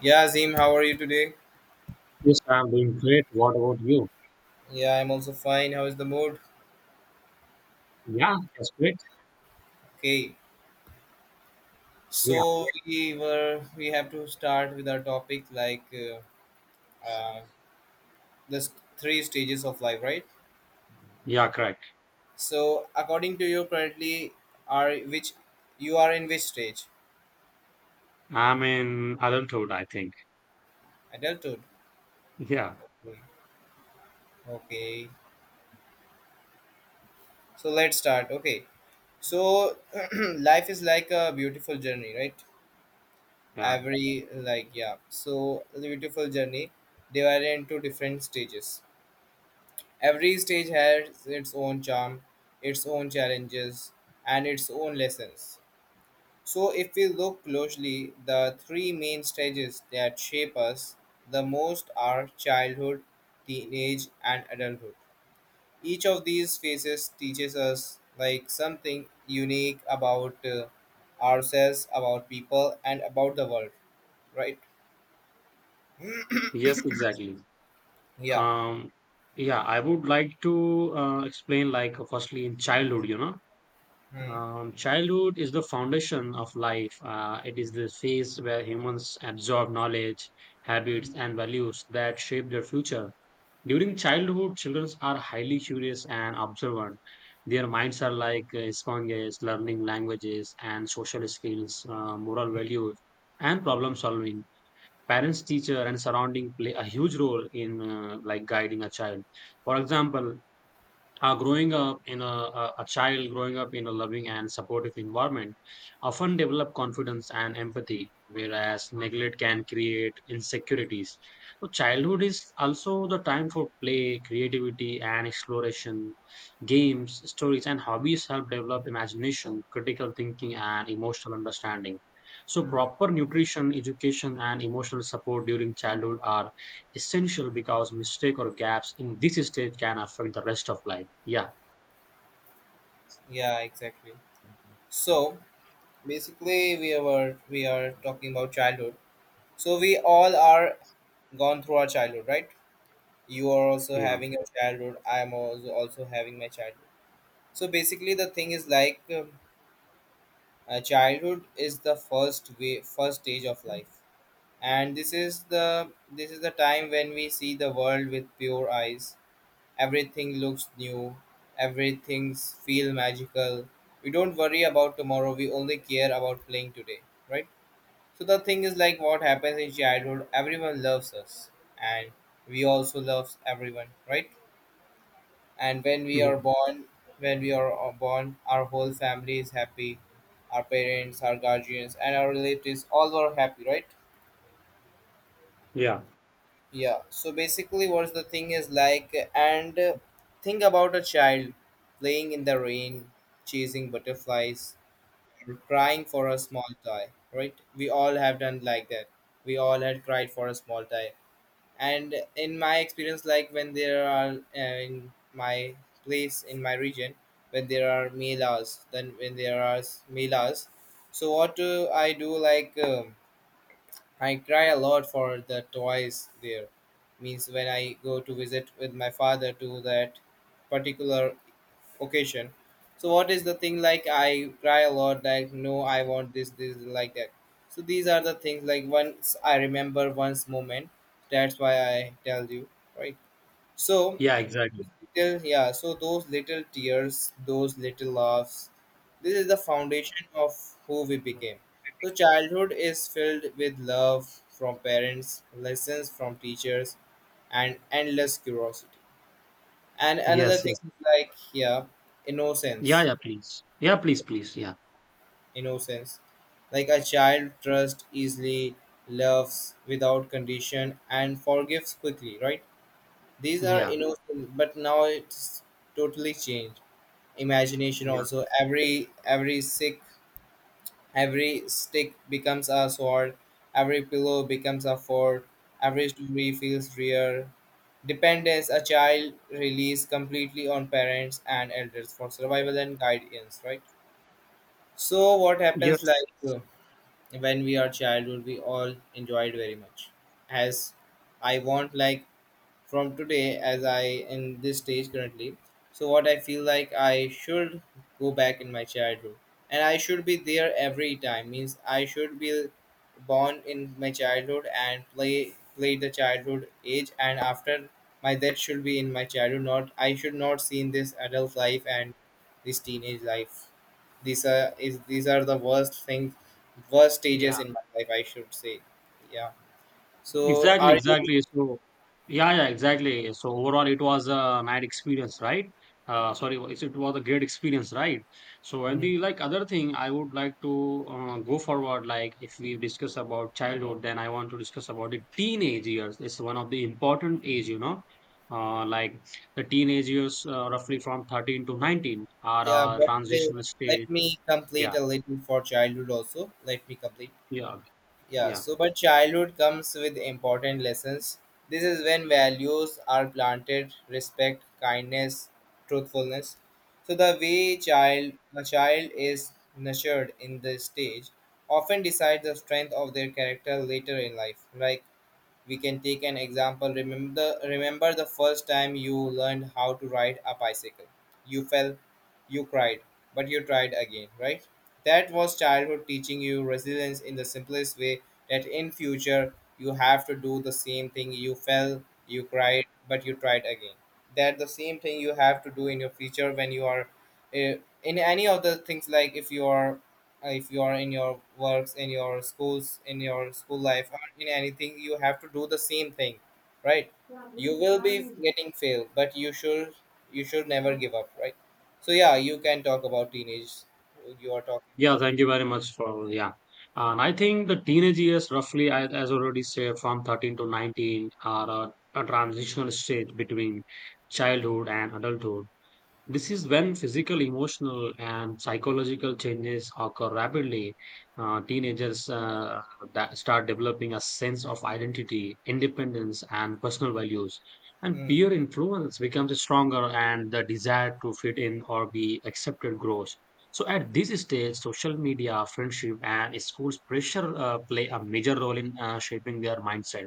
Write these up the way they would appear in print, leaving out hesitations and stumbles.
Yeah, Azim, how are you today? Yes, I'm doing great. What about you? Yeah, I'm also fine. How is the mood? Yeah, that's great. Okay, Yeah, so we have to start with our topic like uh, the three stages of life, right? yeah, correct. So according to you, currently are which you are in which stage? I'm in adulthood, I think. Adulthood. Yeah, Okay, okay, so let's start. Okay, so life is like a beautiful journey, right? yeah. So the beautiful journey divided into different stages. Every stage has its own charm, its own challenges, and its own lessons. So, if we look closely, the three main stages that shape us the most are childhood, teenage, and adulthood. Each of these phases teaches us like something unique about ourselves, about people, and about the world, right? Yes, exactly. Yeah. Um, yeah, I would like to explain, like, firstly, in childhood, Hmm. Childhood is the foundation of life. It is the phase where humans absorb knowledge, Hmm. habits, and values that shape their future. During childhood, children are highly curious and observant. Their minds are like sponges, learning languages and social skills, moral values, and problem solving. Parents, teacher, and surrounding play a huge role in like guiding a child. For example, growing up in a child growing up in a loving and supportive environment often develop confidence and empathy, whereas neglect can create insecurities. So childhood is also the time for play, creativity, and exploration. Games, stories, and hobbies help develop imagination, critical thinking, and emotional understanding. So proper nutrition, education, and emotional support during childhood are essential, because mistake or gaps in this stage can affect the rest of life. Yeah, Yeah, exactly. So, basically we are talking about childhood, so we all are gone through our childhood, right? You are also yeah, having your childhood, I am also having my childhood. So basically the thing is like childhood is the first stage of life, and this is the time when we see the world with pure eyes. Everything looks new, everything feel magical. We don't worry about tomorrow, we only care about playing today, right? So the thing is like what happens in childhood, everyone loves us, and we also loves everyone, right? And when we are yeah, born, when we are born, our whole family is happy. Our parents, our guardians and our relatives all are happy, right? yeah, Yeah. So basically what's the thing is like, and think about a child playing in the rain, chasing butterflies, or crying for a small toy, right? We all have done like that. We all had cried for a small toy, and in my experience, like when there are in my place, in my region, when there are melas, then when there are melas, so what do I do, I cry a lot for the toys there. Means when I go to visit with my father to that particular occasion. So what is the thing, like I cry a lot like no I want this this like that. So these are the things like once I remember once moment. That's why I tell you, right. So yeah, exactly. little, yeah. So those little tears, those little laughs, this is the foundation of who we Mhm. became. So childhood is filled with love from parents, lessons from teachers, and endless curiosity. And another Yes, thing yes. like, yeah, Yeah, innocence. yeah, please. Yeah, please, please. Yeah, Innocence. Like a child trusts easily, loves without condition, and forgives quickly, right? These are yeah, innocent, but now it's totally changed. Imagination yeah. also. Every sick every stick becomes a sword, every pillow becomes a fort, every story feels real. Dependence, a child relies completely on parents and elders for survival and guidance, right? So what happens Yes. like Yes. When we are childhood we all enjoyed very much. As I want like, from today as I, in this stage currently, so what I feel like I should go back in my childhood and I should be there every time. Means I should be born in my childhood and play the childhood age, and after my that should be in my childhood. Not I should not see in this adult life and this teenage life. These are the worst things, worst stages Yeah. in my life, I should say. Yeah. So Exactly, are you? exactly. So, yeah, yeah, exactly. So overall, it was a nice experience, right? Sorry, it was a great experience, right? So, and Hmm. the like other thing I would like to go forward, like if we discuss about childhood, then I want to discuss about the teenage years. It's one of the important age, like the teenage years, roughly from 13 to 19 Yeah, are a but transitional let stage. me Yeah, complete a little for childhood also. Let me complete. yeah, Yeah, yeah. so but childhood comes with important lessons. This is when values are planted, respect, kindness, truthfulness. So the way child a child is nurtured in this stage often decides the strength of their character later in life. Like we can take an example. Remember the first time you learned how to ride a bicycle. You fell, you cried, but you tried again, right? That was childhood teaching you resilience in the simplest way. That in future you have to do the same thing. You fell, you cried, but you tried again. That the same thing you have to do in your future. When you are uh, in any of the things, like if you are in your works, in your school life, or in anything, you have to do the same thing, right? You will be getting failed, but you should, you should never give up, right? So yeah, you can talk about teenage. You are talking Yeah, about thank teenage. you very much for yeah. And I think the teenage years, roughly, as already said, from 13 to 19 are a transitional stage between childhood and adulthood. This is when physical, emotional, and psychological changes occur rapidly. Teenagers that start developing a sense of identity, independence, and personal values. And Hmm. peer influence becomes stronger, and the desire to fit in or be accepted grows. So, at this stage, social media, friendship, and schools pressure play a major role in shaping their mindset.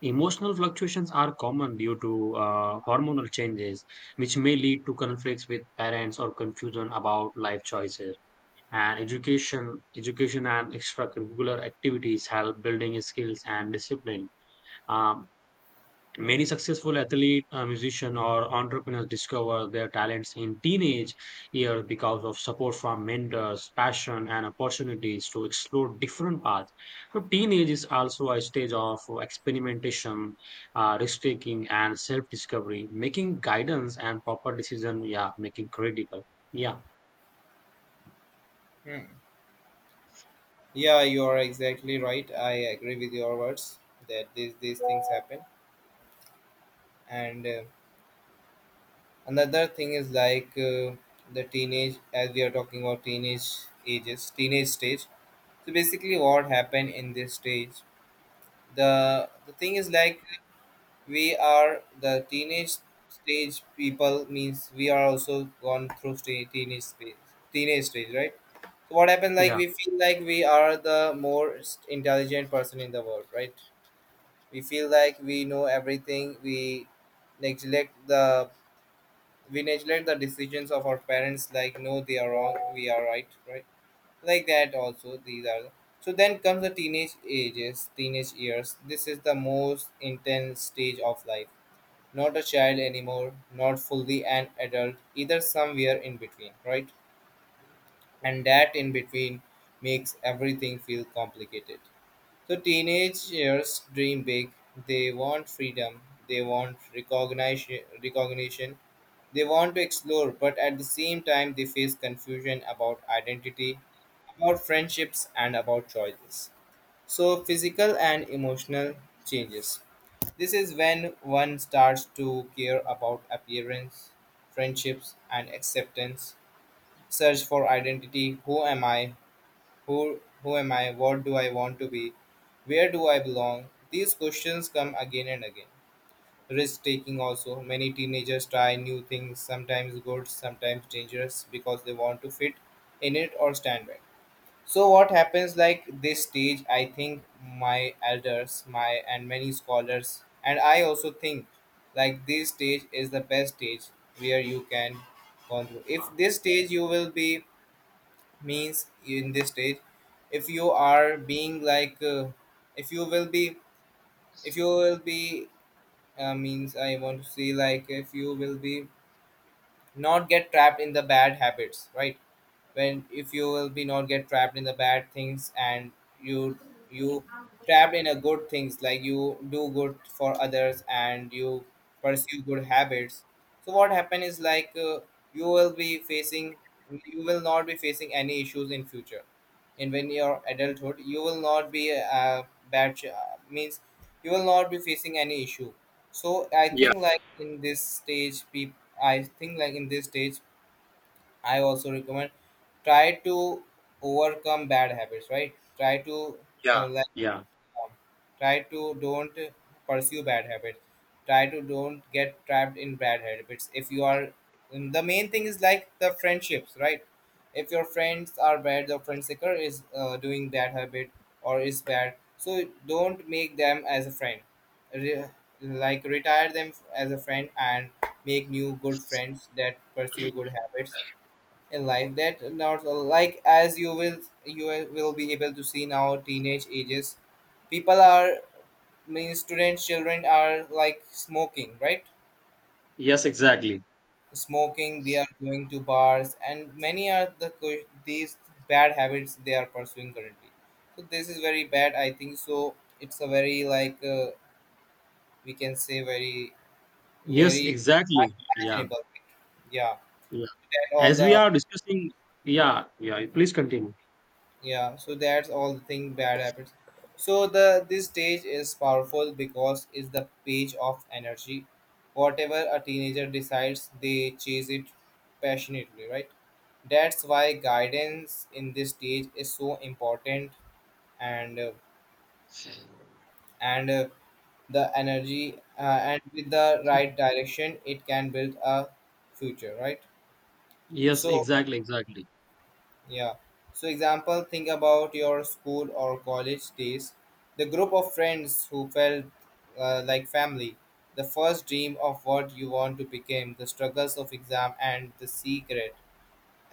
Emotional fluctuations are common due to hormonal changes, which may lead to conflicts with parents or confusion about life choices. And education and extracurricular activities help building skills and discipline. Um, Many successful athlete, musician, or entrepreneurs discover their talents in teenage years because of support from mentors, passion, and opportunities to explore different paths. So, teenage is also a stage of experimentation, risk taking, and self discovery, making guidance and proper decision. Yeah, making critical. Yeah, Hmm. Yeah, you are exactly right. I agree with your words that these things happen. And another thing is like, the teenage, as we are talking about teenage ages, teenage stage. So basically, what happened in this stage? The thing is like we are the teenage stage people. Means we are also gone through teenage stage, right? So what happened? Like yeah, we feel like we are the more intelligent person in the world, right? We feel like we know everything. Neglect the we neglect the decisions of our parents. Like no, they are wrong. We are right, right? Like that also, so then comes the teenage ages, teenage years. This is the most intense stage of life. Not a child anymore, not fully an adult either, somewhere in between, right? And that in between makes everything feel complicated. So teenage years dream big. They want freedom, they want recognition, they want to explore, but at the same time they face confusion about identity, about friendships, and about choices. So, physical and emotional changes. This is when one starts to care about appearance, friendships, and acceptance. Search for identity: who am I, who am I, what do I want to be, where do I belong. These questions come again and again. Risk taking also. Many teenagers try new things, sometimes good, sometimes dangerous, because they want to fit in it or stand back. So what happens, like this stage, I think my elders my and many scholars and I also think like this stage is the best stage where you can go through. If this stage you will be, means in this stage, if you are being like, if you will be, if you will be, means I want to say like, if you will be not get trapped in the bad habits, right? When if you will be not get trapped in the bad things, and you you trapped in a good things, like you do good for others and you pursue good habits. So what happen is like, you will be facing, you will not be facing any issues in future. And when you're adulthood you will not be a means you will not be facing any issue. So I think like in this stage peop I think like in this stage I also recommend try to overcome bad habits, right? Try to yeah, like yeah. um, try to don't pursue bad habits. Try to don't get trapped in bad habits. If you are, and the main thing is like the friendships, right? If your friends are bad, the friend seeker is doing bad habit or is bad. So don't make them as a friend. Re- like retire them as a friend and make new good friends that pursue good habits in life. That not like, as you will, you will be able to see now teenage ages people are, mean students children are like smoking, right? Yes, exactly. Smoking, they are going to bars, and many are the these bad habits they are pursuing currently. So this is very bad I think. So it's a very like, we can say very, Yes, very exactly. Yeah, unimaginable thing. Yeah, yeah. that all As we the, are discussing, yeah, yeah. Please continue. yeah, so that's all the thing bad happens. So the this stage is powerful because it's the page of energy. Whatever a teenager decides, they chase it passionately, right? That's why guidance in this stage is so important. And and uh, the energy, and with the right direction it can build a future, right? Yes, So, exactly, exactly. yeah. So example, think about your school or college days, the group of friends who felt like family, the first dream of what you want to become, the struggles of exam, and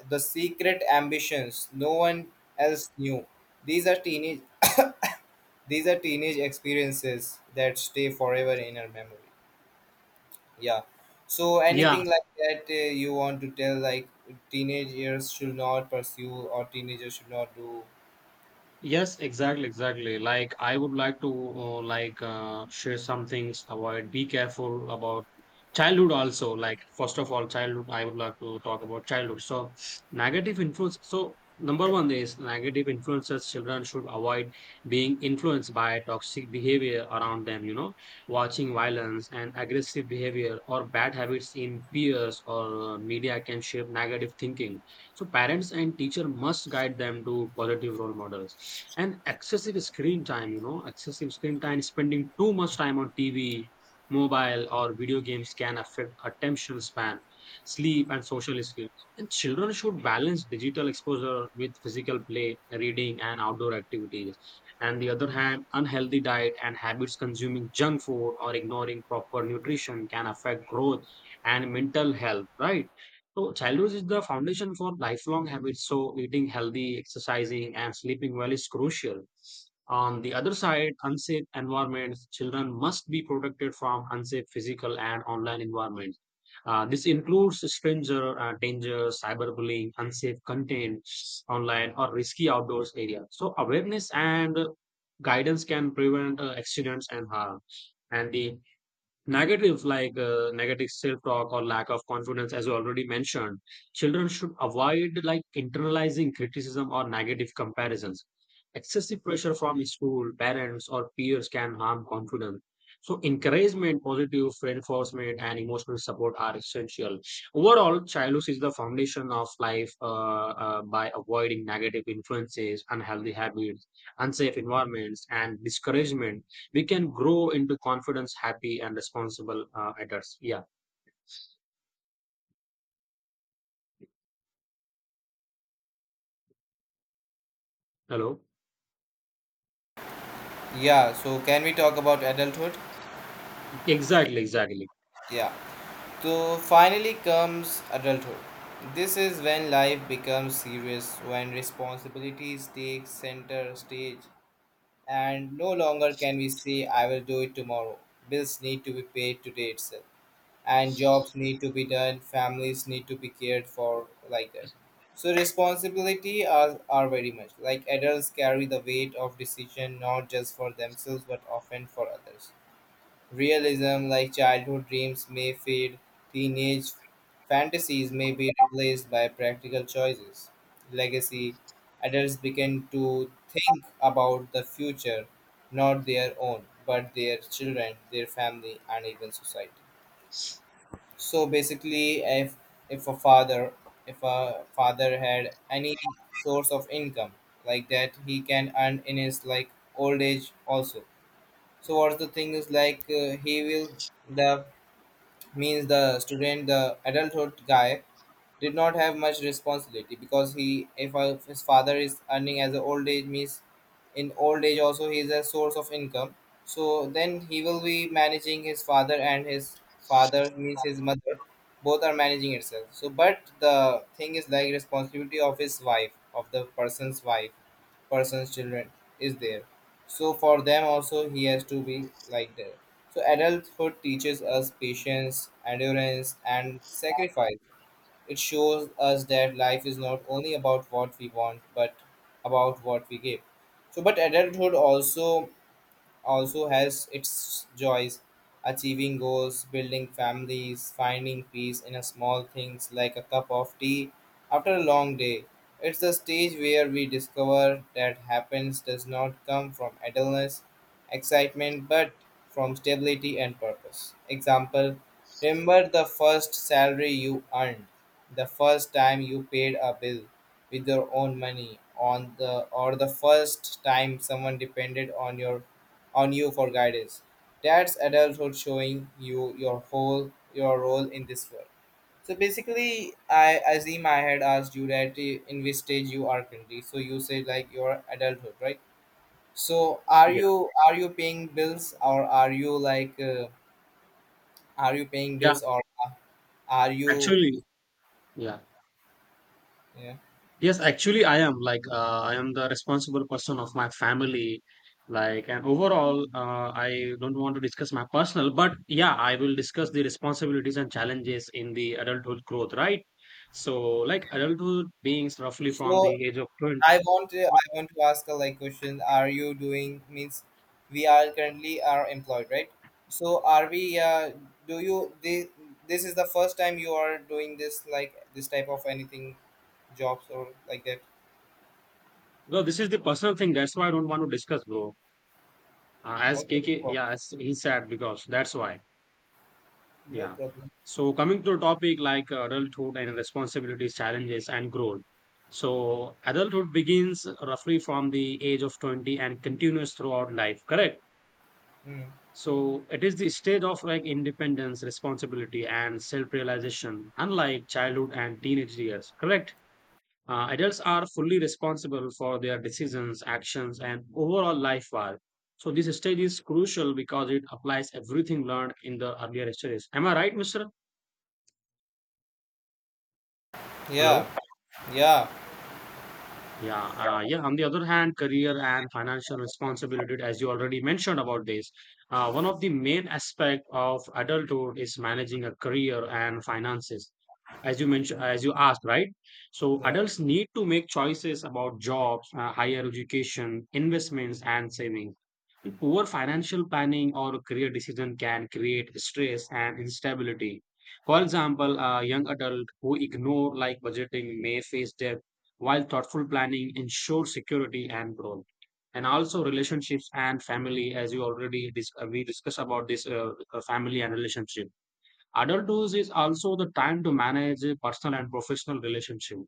the secret ambitions no one else knew. These are teenage these are teenage experiences that stay forever in our memory. Yeah. So Yeah, anything like that you want to tell, like teenagers should not pursue or teenagers should not do. yes, exactly, exactly. Like I would like to like share some things. Avoid. Be careful about childhood. Also, like first of all, childhood. I would like to talk about childhood. So, negative influence. So number one is negative influences. Children should avoid being influenced by toxic behavior around them. Watching violence and aggressive behavior or bad habits in peers or media can shape negative thinking. So parents and teacher must guide them to positive role models. And excessive screen time, spending too much time on TV, mobile, or video games can affect attention span, sleep, and social skills. And children should balance digital exposure with physical play, reading, and outdoor activities. And the other hand, unhealthy diet and habits consuming junk food or ignoring proper nutrition can affect growth and mental health, right? So, childhood is the foundation for lifelong habits. So, eating healthy, exercising, and sleeping well is crucial. On the other side, unsafe environments, children must be protected from unsafe physical and online environments. This includes stranger danger, cyberbullying, unsafe content online, or risky outdoors area. So, awareness and guidance can prevent accidents and harm. And the negatives, like negative self-talk or lack of confidence, as you already mentioned, children should avoid like internalizing criticism or negative comparisons. Excessive pressure from school, parents, or peers can harm confidence. So, encouragement, positive reinforcement, and emotional support are essential. Overall, childhood is the foundation of life, by avoiding negative influences, unhealthy habits, unsafe environments, and discouragement, we can grow into confidence, happy, and responsible adults. Yeah. Hello. Yeah, so can we talk about adulthood? Exactly. Exactly. Yeah. So finally comes adulthood. This is when life becomes serious, when responsibilities take center stage, and no longer can we say, I will do it tomorrow. Bills need to be paid today itself, and jobs need to be done, families need to be cared for, like that. So responsibility are very much like adults carry the weight of decision not just for themselves but often for others. Realism, like childhood dreams, may fade, teenage fantasies may be replaced by practical choices. Legacy, adults begin to think about the future, not their own, but their children, their family, and even society. So basically, if a father if a father had any source of income like that, he can earn in his like old age also. So what's the thing is like, he will, the means the adulthood guy did not have much responsibility because he, if his father is earning as an old age means, in old age also he is a source of income. So then he will be managing his father, and his father means his mother, both are managing itself. So but the thing is like responsibility of his wife, of the person's wife, person's children is there, so for them also he has to be like there. So adulthood teaches us patience, endurance, and sacrifice. It shows us that life is not only about what we want, but about what we give. But adulthood also has its joys: achieving goals, building families, finding peace in a small things like a cup of tea after a long day. It's the stage where we discover that happiness does not come from idleness, excitement, but from stability and purpose. Example: remember the first salary you earned, the first time you paid a bill with your own money on the, or the first time someone depended on your on you for guidance. That's adulthood showing you your whole your role in this world. So basically, I assume I had asked you that, in which stage you are currently. So you said like your adulthood, right? So are Yeah. you are you paying bills, or are you like, are you paying Yeah. bills, or are you, Actually. Yeah. yeah? Yes. Actually, I am the responsible person of my family. Like and overall, I don't want to discuss my personal, but yeah, I will discuss the responsibilities and challenges in the adulthood growth. Right. So, like adulthood beings roughly from So the age of 20. I want to ask a like question. Are you doing, means we are currently are employed, right? So are we? Do you this, this is the first time you are doing this, like this type of anything, jobs or like that? No, this is the personal thing. That's why I don't want to discuss, bro. As Okay, K, no K, yeah, problem. as he said, because that's why. No Yeah. problem. So coming to a topic like adulthood and responsibilities, challenges, and growth. So adulthood begins roughly from the age of 20 and continues throughout life, correct? Hmm. So it is the stage of like independence, responsibility, and self-realization, unlike childhood and teenage years, correct? Adults are fully responsible for their decisions, actions, and overall life path. So this stage is crucial because it applies everything learned in the earlier stages. Am I right, Mister? Yeah, Hello. yeah, Yeah. Yeah. On the other hand, career and financial responsibility, as you already mentioned about this, one of the main aspect of adulthood is managing a career and finances. As you mentioned, as you asked, right? So yeah. adults need to make choices about jobs, higher education, investments, and savings. Poor financial planning or career decision can create stress and instability. For example, a young adult who ignore like budgeting may face debt, while thoughtful planning ensures security and growth. And also relationships and family, as you already we discussed about this family and relationship. Adulthood is also the time to manage a personal and professional relationship.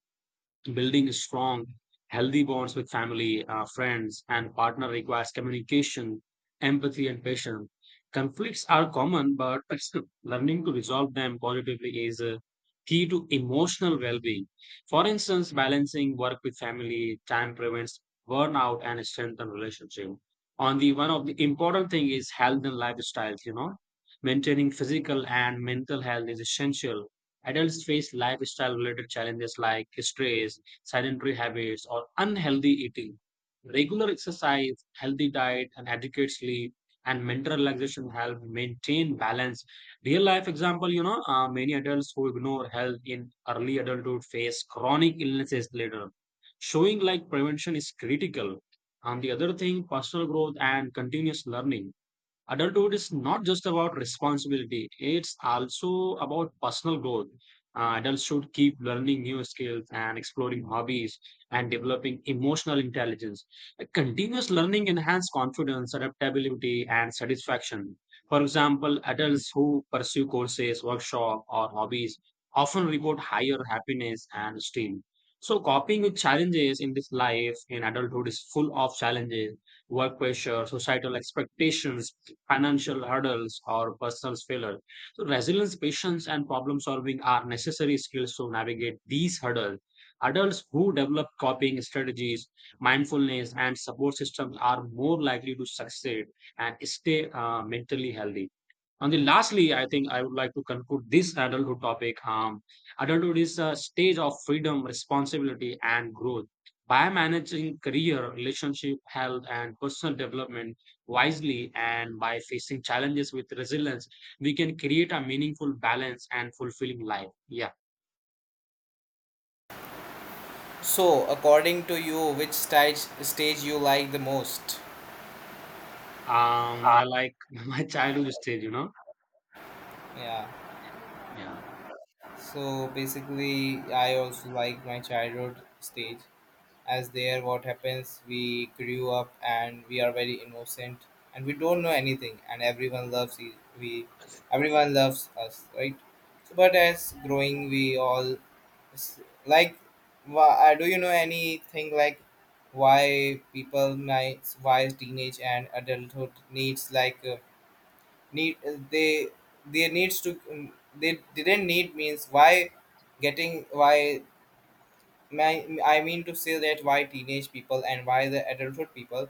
Building strong, healthy bonds with family, friends, and partner requires communication, empathy, and patience. Conflicts are common, but learning to resolve them positively is a key to emotional well-being. For instance, balancing work with family time prevents burnout and strengthens relationship. On the one of the important thing is health and lifestyles. Maintaining physical and mental health is essential. Adults face lifestyle-related challenges like stress, sedentary habits, or unhealthy eating. Regular exercise, healthy diet, and adequate sleep and mental relaxation help maintain balance. Real life example, many adults who ignore health in early adulthood face chronic illnesses later. Showing like prevention is critical. And the other thing, personal growth and continuous learning. Adulthood is not just about responsibility, it's also about personal growth. Adults should keep learning new skills and exploring hobbies and developing emotional intelligence. Continuous learning enhances confidence, adaptability, and satisfaction. For example, adults who pursue courses, workshops, or hobbies often report higher happiness and esteem. So coping with challenges in this life, in adulthood, is full of challenges: work pressure, societal expectations, financial hurdles, or personal failure. So, resilience, patience, and problem solving are necessary skills to navigate these hurdles. Adults who develop coping strategies, mindfulness, and support systems are more likely to succeed and stay mentally healthy. And then lastly, I think I would like to conclude this adulthood topic. Adulthood is a stage of freedom, responsibility, and growth. By managing career, relationship, health, and personal development wisely, and by facing challenges with resilience, we can create a meaningful, balance, and fulfilling life. Yeah. So according to you, which stage you like the most? I like my childhood stage. Yeah. Yeah. So basically, I also like my childhood stage, as there what happens, we grew up and we are very innocent, and we don't know anything, and everyone loves, we everyone loves us, right? So, but as growing we all, s- like, do you know anything like why people might, why teenage and adulthood needs like, need they needs to they didn't need means why getting, why, my, I mean to say that, why teenage people and why the adulthood people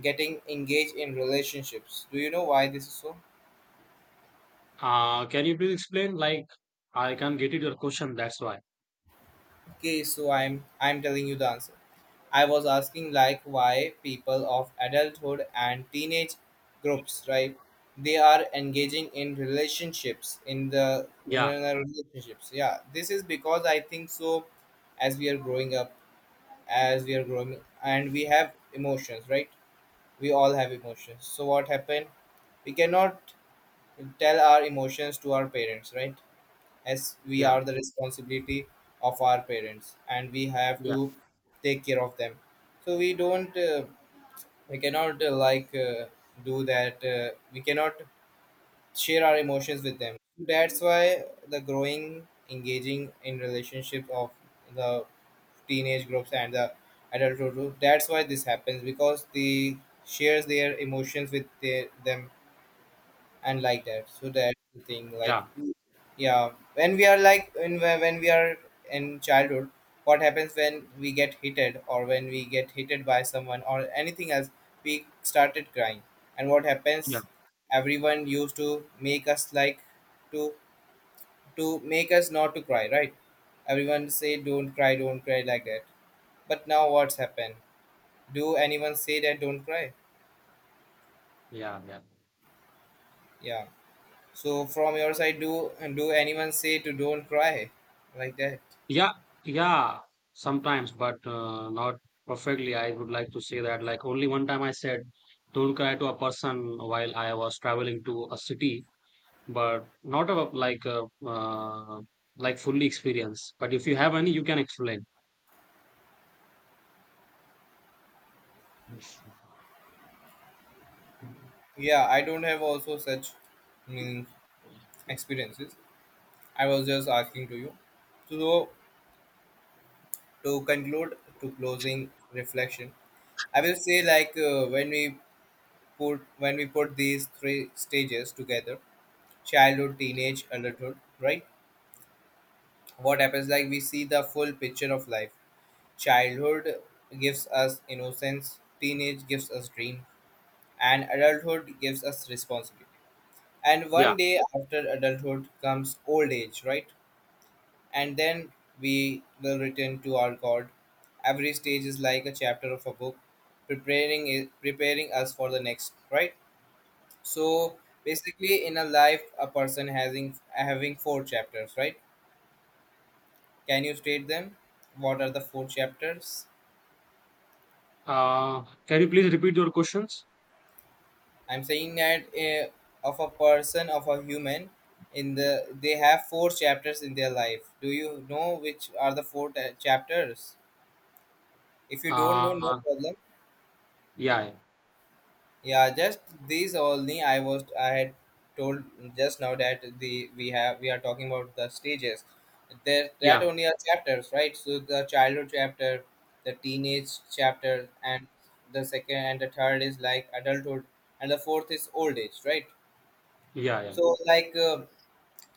getting engaged in relationships. Do you know why this is so? Can you please explain? Like, I can't get it your question. That's why. Okay, so I'm telling you the answer. I was asking like why people of adulthood and teenage groups, right? They are engaging in relationships in the, in Yeah. the relationships. Yeah, this is because I think so. As we are growing up, as we are growing, and we have emotions, right? We all have emotions. So what happened? We cannot tell our emotions to our parents, right? As we Yeah. are the responsibility of our parents, and we have Yeah. to take care of them. So we don't, we cannot, like do that we cannot share our emotions with them. That's why the growing engaging in relationship of the teenage groups and the adulthood group, that's why this happens, because they shares their emotions with their, them, and like that. So that's the thing like, Yeah. yeah, when we are like in, when we are in childhood, what happens when we get hitted, or when we get hitted by someone or anything else, we started crying. And what Yeah. happens? Everyone used to make us like to to make us not to cry, right? Everyone say, "Don't cry, don't cry," like that. But now what's happened? Do anyone say that, "Don't cry"? Yeah. Yeah. Yeah. So from your side, do anyone say to, "Don't cry," like that? Yeah, yeah, sometimes, but not perfectly. I would like to say that, like, only one time I said, "Don't cry to a person" while I was traveling to a city, but not a like a uh, like fully experienced. But if you have any, you can explain. Yeah, I don't have also such, mm, experiences. I was just asking to you. So to conclude, to closing reflection, I will say like, when we put, when we put these three stages together, childhood, teenage, adulthood, right? What happens, like we see the full picture of life. Childhood gives us innocence. Teenage gives us dream, and adulthood gives us responsibility. And one Yeah. day after adulthood comes old age, right? And then we will return to our God. Every stage is like a chapter of a book, preparing us for the next, right? So basically, in a life, a person having four chapters, right? Can you state them? What are the four chapters? Can you please repeat your questions? I'm saying that, of a person, of a human, in the, they have four chapters in their life. Do you know which are the four chapters? If you don't know, no Uh, problem. yeah, Yeah, just these only. I had told just now that the, we have, we are talking about the stages. There that yeah, only are chapters, right? So the childhood chapter, the teenage chapter, and the second and the third is like adulthood, and the fourth is old age, right? yeah, yeah, So like.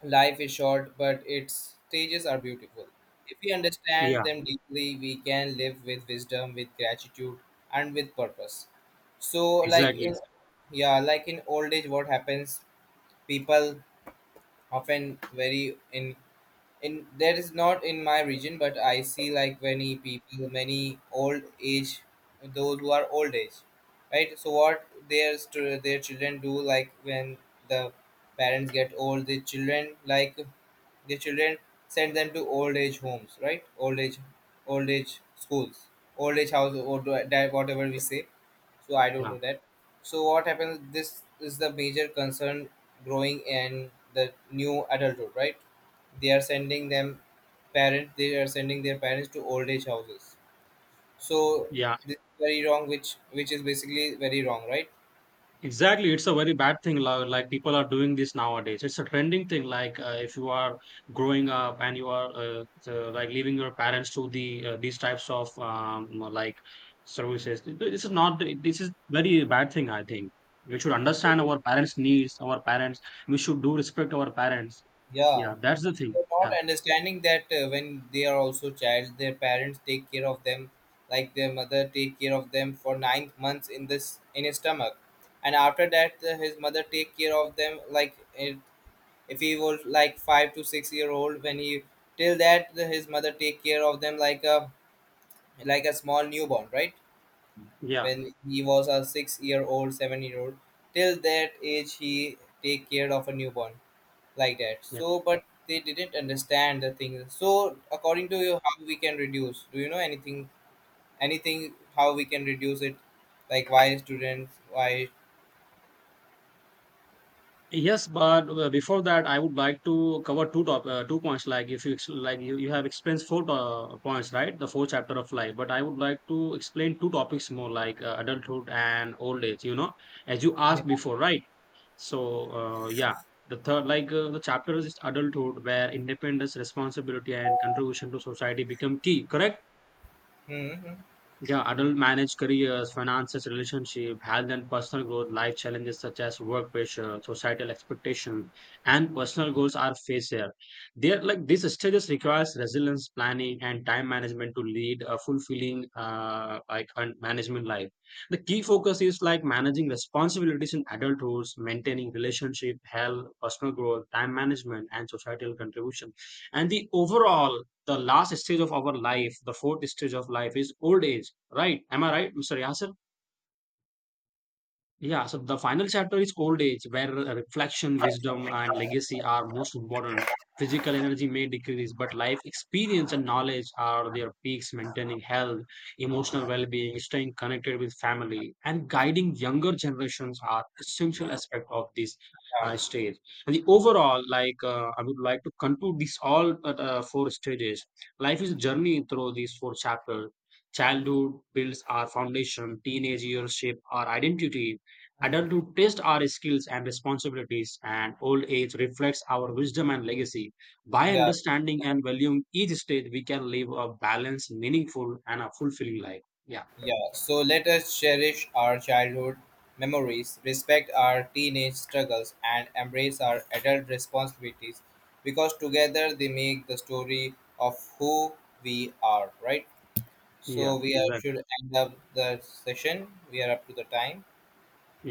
Life is short, but its stages are beautiful. If we yeah. understand them deeply, we can live with wisdom, with gratitude, and with purpose. So, like Exactly. in, yeah, like in old age, what happens? People often very in, there is not in my region but I see like many people, many old age, those who are old age, right? So what their their children do, like when the parents get old, the children like, the children send them to old age homes, right? Old age, old age schools, old age house, or that whatever we say. So I don't Yeah, know that. So what happens, this is the major concern growing in the new adulthood, right? They are sending them parent, they are sending their parents to old age houses. So yeah. this is very wrong, which is basically very wrong, right? Exactly, it's a very bad thing. Like people are doing this nowadays. It's a trending thing. Like if you are growing up and you are like leaving your parents to these types of like services, this is not. This is very bad thing. I think we should understand our parents' needs. Our parents, we should do respect our parents. Yeah, Yeah, that's the they thing. are not Yeah, understanding that, when they are also child, their parents take care of them, like their mother take care of them for 9 months in this, in his stomach. And after that, his mother take care of them like it, if he was like 5 to 6 year old, when he, till that his mother take care of them like a, like a small newborn, right? yeah. When he was a 6 year old, 7 year old. Till that age, he take care of a newborn like that. Yeah. So but they didn't understand the thing. So according to you, how we can reduce? Do you know anything? Anything? How we can reduce it? Like why students? Why? Yes, but before that, I would like to cover two points. Like if you like you have experienced four points, right? The four chapter of life. But I would like to explain two topics more, like adulthood and old age. As you Yeah. asked before, right? So yeah, the third like the chapter is adulthood, where independence, responsibility, and contribution to society become key. Correct. Hmm, hmm. Yeah, adult managed careers, finances, relationship, health and personal growth, life challenges such as work pressure, societal expectations, and personal goals are faced here. There, like these stages requires resilience, planning, and time management to lead a fulfilling like management life. The key focus is like managing responsibilities in adult roles, maintaining relationship, health, personal growth, time management, and societal contribution, and the overall the last stage of our life, the fourth stage of life is old age, right? Am I right, Mr. Yasir? Yeah, so the final chapter is old age, where reflection, wisdom, and legacy are most important. Physical energy may decrease, but life experience and knowledge are their peaks, maintaining health, emotional well being, staying connected with family, and guiding younger generations are essential aspect of this Yeah. stage. And the overall, like, I would like to conclude these all four stages. Life is a journey through these four chapters. Childhood builds our foundation, teenage years shape our identity, Hmm. adulthood tests our skills and responsibilities, and old age reflects our wisdom and legacy. By Yeah. understanding and valuing each stage, we can live a balanced, meaningful, and a fulfilling life. Yeah, Yeah, so let us cherish our childhood memories, respect our teenage struggles, and embrace our adult responsibilities, because together they make the story of who we are, right? yeah, So we are, should exactly. end up the session. We are up to the time.